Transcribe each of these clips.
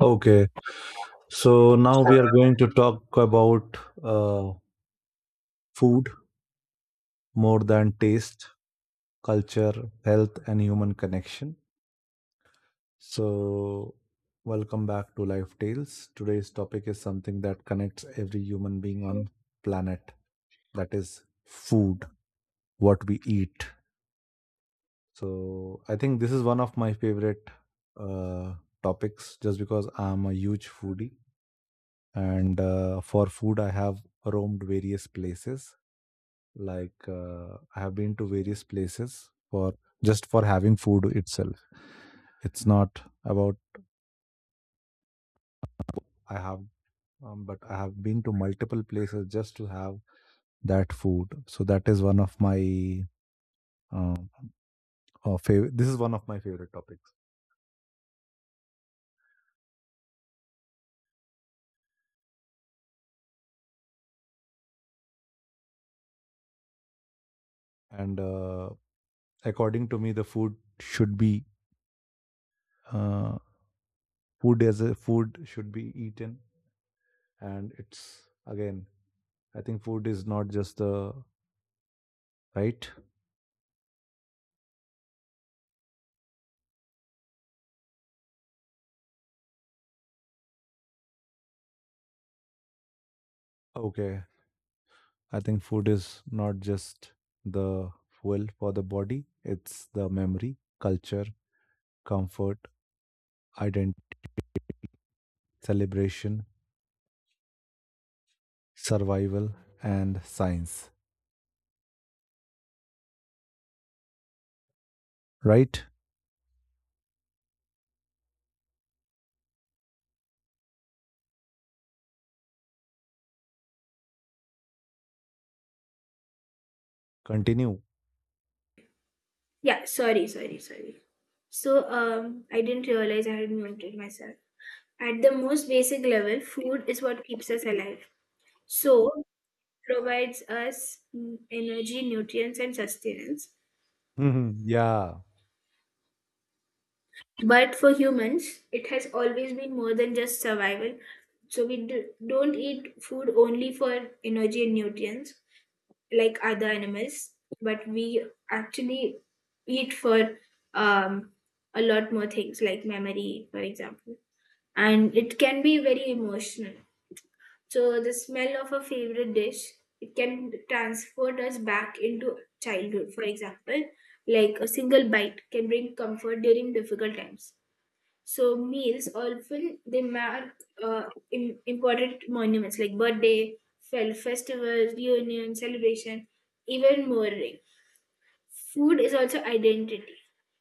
Okay. So now we are going to talk about uh, food more than taste, culture, health, and human connection. So, welcome back to Life Tales. Today's topic is something that connects every human being on planet, that is food, what we eat. So, I think this is one of my favorite uh, topics, just because I'm a huge foodie. And for food, I have roamed various places, like I have been to various places for just for having food itself. It's not about i have um, but i have been to multiple places just to have that food. So that is one of my uh, this is one of my favorite topics. And according to me, the food should be uh, food. As a food should be eaten, and it's again, I think food is not just the right okay I think food is not just the fuel for the body. It's the memory, culture, comfort, identity, celebration, survival, and science. Right? Continue. Yeah, sorry, sorry, sorry. I didn't realize I had muted myself. At the most basic level, food is what keeps us alive. So, provides us energy, nutrients, and sustenance. Mhm, yeah. But for humans, it has always been more than just survival. So, don't eat food only for energy and nutrients, like other animals, but we actually eat for um, a lot more things, like memory, for example. And it can be very emotional. So, the smell of a favorite dish, it can transport us back into childhood, for example. Like a single bite can bring comfort during difficult times. So meals often they mark uh, important monuments like birthday, festivals, reunion, celebration, even mourning. Food is also identity.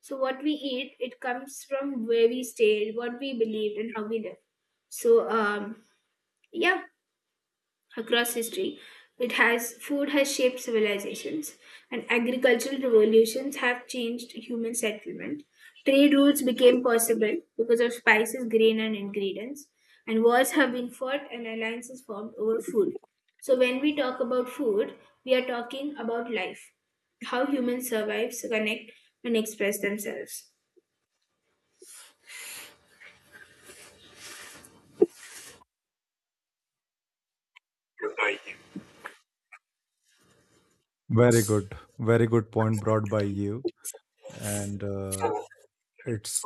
So what we eat, it comes from where we stayed, what we believed, and how we live. So um, yeah, Across history, it has food has shaped civilizations, and agricultural revolutions have changed human settlement. Trade routes became possible because of spices, grain, and ingredients, and wars have been fought and alliances formed over food. So when we talk about food, we are talking about life, how humans survive, connect, and express themselves. Very good. Very good point brought by you. And it's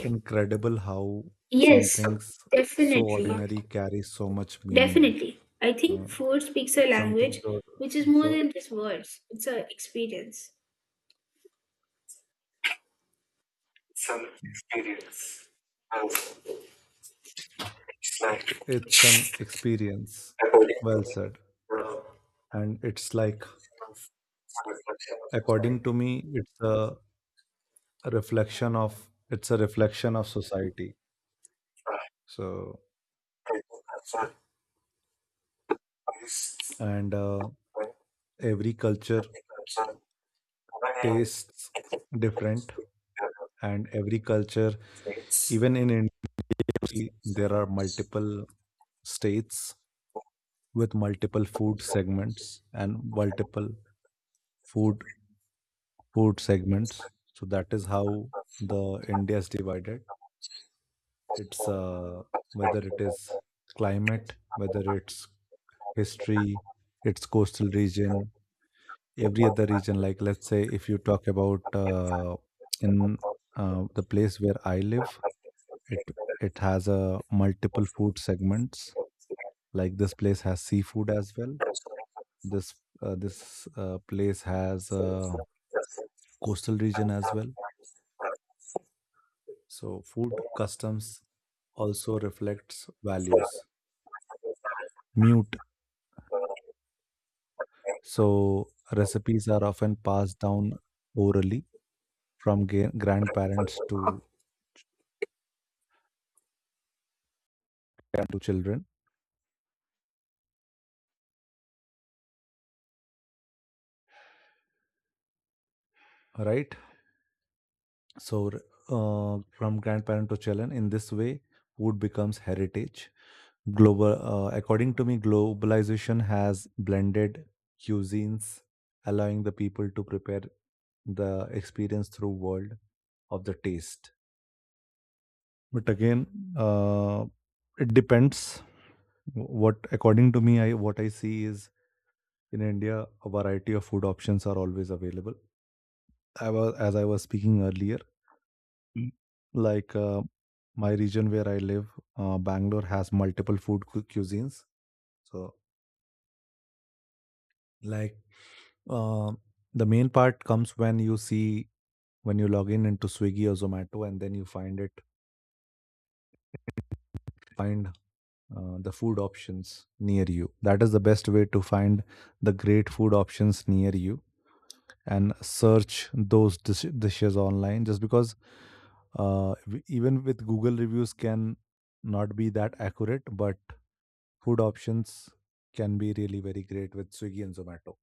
incredible how some Yes, things so definitely. ordinary carry so much meaning. Definitely. I Uh, think food speaks a language something so, which is more so than just words, it's an experience. it's an experience. Well said. And it's like, according to me, it's a reflection of it's a reflection of society. So, and every culture tastes different. And every culture, even in India, there are multiple states with multiple food segments and multiple food food segments. So that is how the India is divided. It's whether it is climate, whether it's history, its coastal region, every other region. Like, let's say, if you talk about in the place where I live, it it has a multiple food segments. Like this place has seafood as well. This this place has a coastal region as well. So food customs also reflects values. Mute. So recipes are often passed down orally from grandparent to children, right? So, from grandparent to children, in this way, food becomes heritage. According to me, globalization has blended cuisines, allowing the people to prepare the experience through world of the taste. But again, uh, it depends. What according to me, I what I see is in India, a variety of food options are always available. As I was speaking earlier. Mm. Like my region where I live, Bangalore has multiple food cuisines. So, like, uh, the main part comes when you see, when you log in into Swiggy or Zomato, and then you find the food options near you. That is the best way to find the great food options near you and search those dishes online. Just because, even with Google reviews can not be that accurate, but food options can be really very great with Swiggy and Zomato.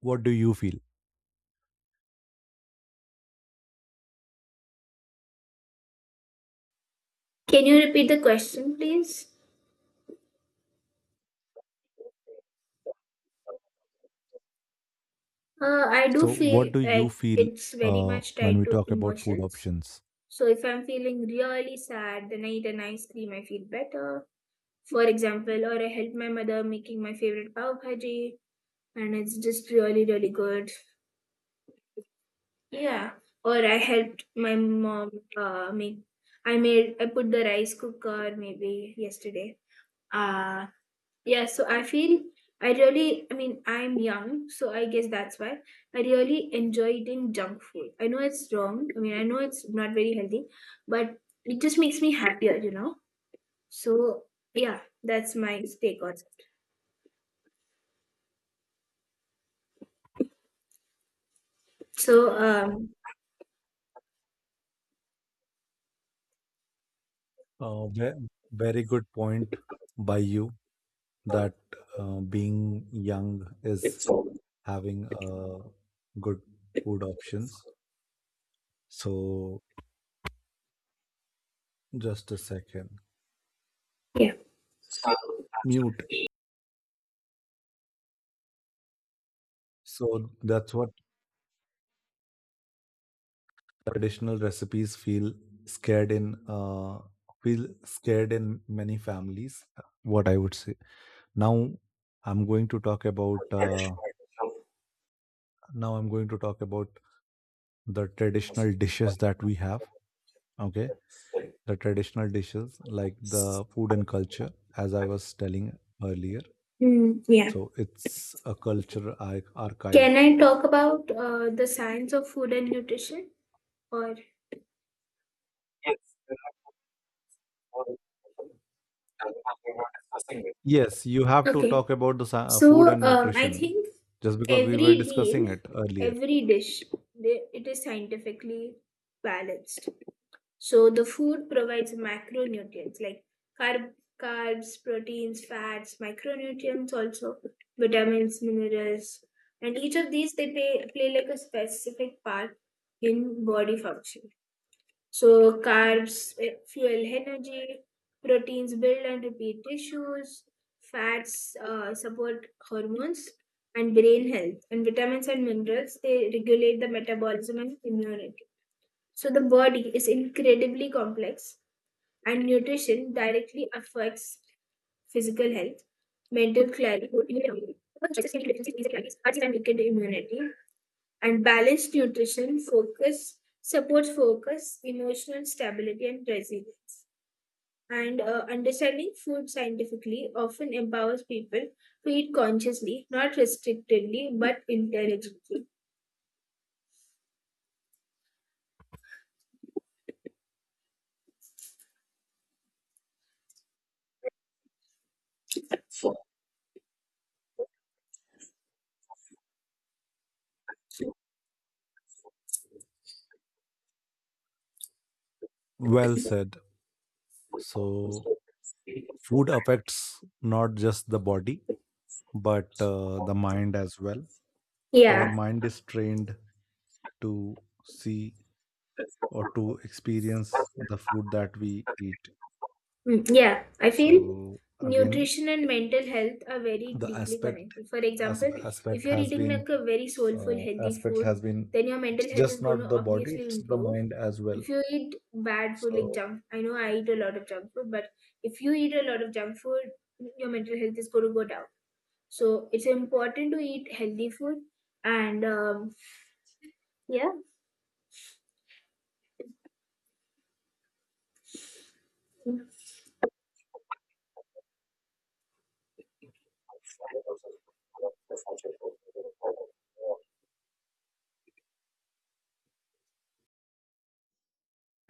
What do you feel? Can you repeat the question, please? I do So, what feel do you like feel it's very much when tied we to talk about food emotions. options? So if I'm feeling really sad, then I eat an ice cream, I feel better. For example, or I help my mother making my favorite pav bhaji, and it's just really, really good. Yeah. Or I helped my mom make. I made. I put the rice cooker maybe yesterday. Uh yeah, so I feel, I mean I'm young, so I guess that's why I really enjoy eating junk food. I know it's wrong. I mean I know it's not very healthy, but it just makes me happier, So yeah, that's my take on it. So um Very good point by you that being young is having good food options. So, just a second. yeah. Mute. So, that's what. Traditional recipes scared in uh, feel scared in many families, what I would say. now i'm going to talk about uh, Now I'm going to talk about the traditional dishes that we have. Okay, the traditional dishes, like the food and culture, as I was telling earlier. Mm, yeah. So it's a culture Can archive. I talk about the science of food and nutrition? Or Yes, you have to okay. talk about the food So and um I nutrition, think just because we every were meal, discussing it earlier. every dish, it is scientifically balanced. So the food provides macronutrients like carb, carbs, proteins, fats, micronutrients also, vitamins, minerals. And each of these play like a specific part in body function. So carbs fuel energy, proteins build and repair tissues, fats support hormones and brain health, and vitamins and minerals they regulate the metabolism and immunity. So the body is incredibly complex, and nutrition directly affects physical health, mental clarity, immunity, and immunity and balanced nutrition focus supports focus, emotional stability, and resilience. And understanding food scientifically often empowers people to eat consciously, not restrictively but intelligently. Well said. So food affects not just the body but the mind as well. Our mind is trained to see or to experience the food that we eat. Mm, yeah, I feel So again, nutrition and mental health are very the deeply aspect connected. For as, example, if aspect you're has eating been like a very soulful, healthy aspect food, has been, then your mental it's health is just going not to the body, obviously it's the improve. mind as well. If you eat bad food like So junk, I know I eat a lot of junk food, but if you eat a lot of junk food, your mental health is going to go down. So it's important to eat healthy food. And um, yeah,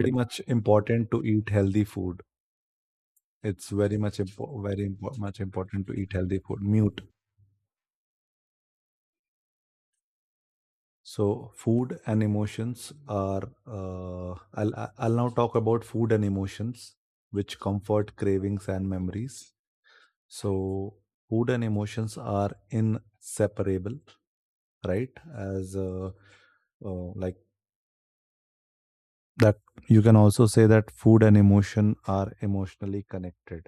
very much important to eat healthy food. It's very much important to eat healthy food. Mute. So food and emotions are. I'll now talk about food and emotions, which comfort cravings and memories. So food and emotions are inseparable, right? As like that, you can also say that food and emotion are emotionally connected,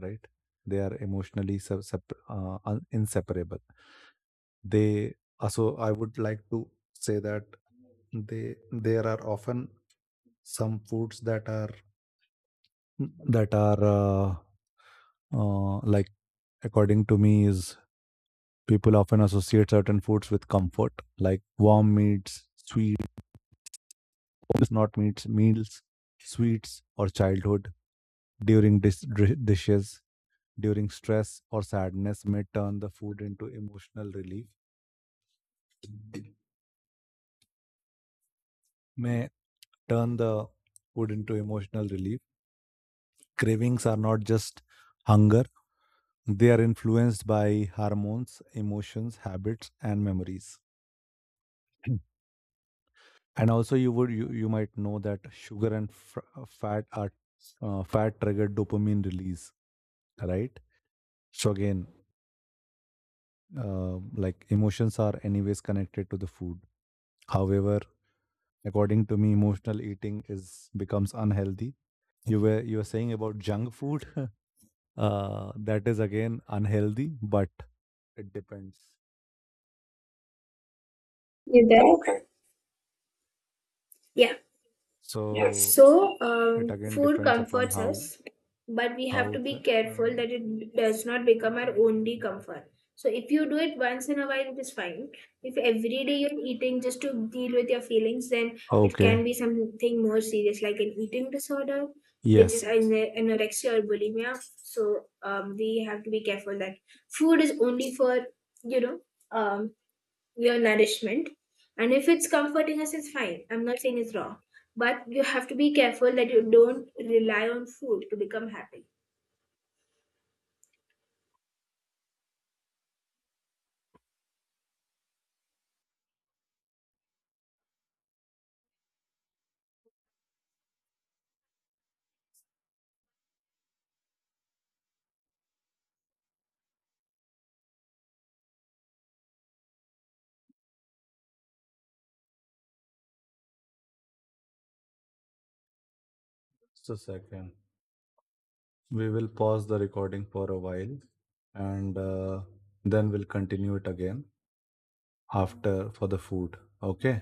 right? They are emotionally sep- sep- un- inseparable. They, also I would like to say that they there are often some foods that are that are uh, uh, like according to me, is people often associate certain foods with comfort, like warm meats sweets not meats meals sweets or childhood during dishes. During stress or sadness may turn the food into emotional relief. May turn the food into emotional relief Cravings are not just hunger. They are influenced by hormones, emotions, habits, and memories. And also, you might know that sugar and fat are fat triggered dopamine release, right? So again, like emotions are anyways connected to the food. However, according to me, emotional eating is becomes unhealthy. You were saying about junk food. That is again unhealthy, but it depends. you there? Yeah. So So, it again food depends upon comforts how. us, but we have to Out be careful that it does not become our only comfort. So, if you do it once in a while, it is fine. If every day you're eating just to deal with your feelings, then it Okay. can be something more serious, like an eating disorder, which is Yes, anorexia or bulimia. So, we have to be careful that food is only for, you know, um, your nourishment. And if it's comforting us, it's fine. I'm not saying it's wrong. But you have to be careful that you don't rely on food to become happy. just a second, we will pause the recording for a while, and then we'll continue it again after for the food. Okay,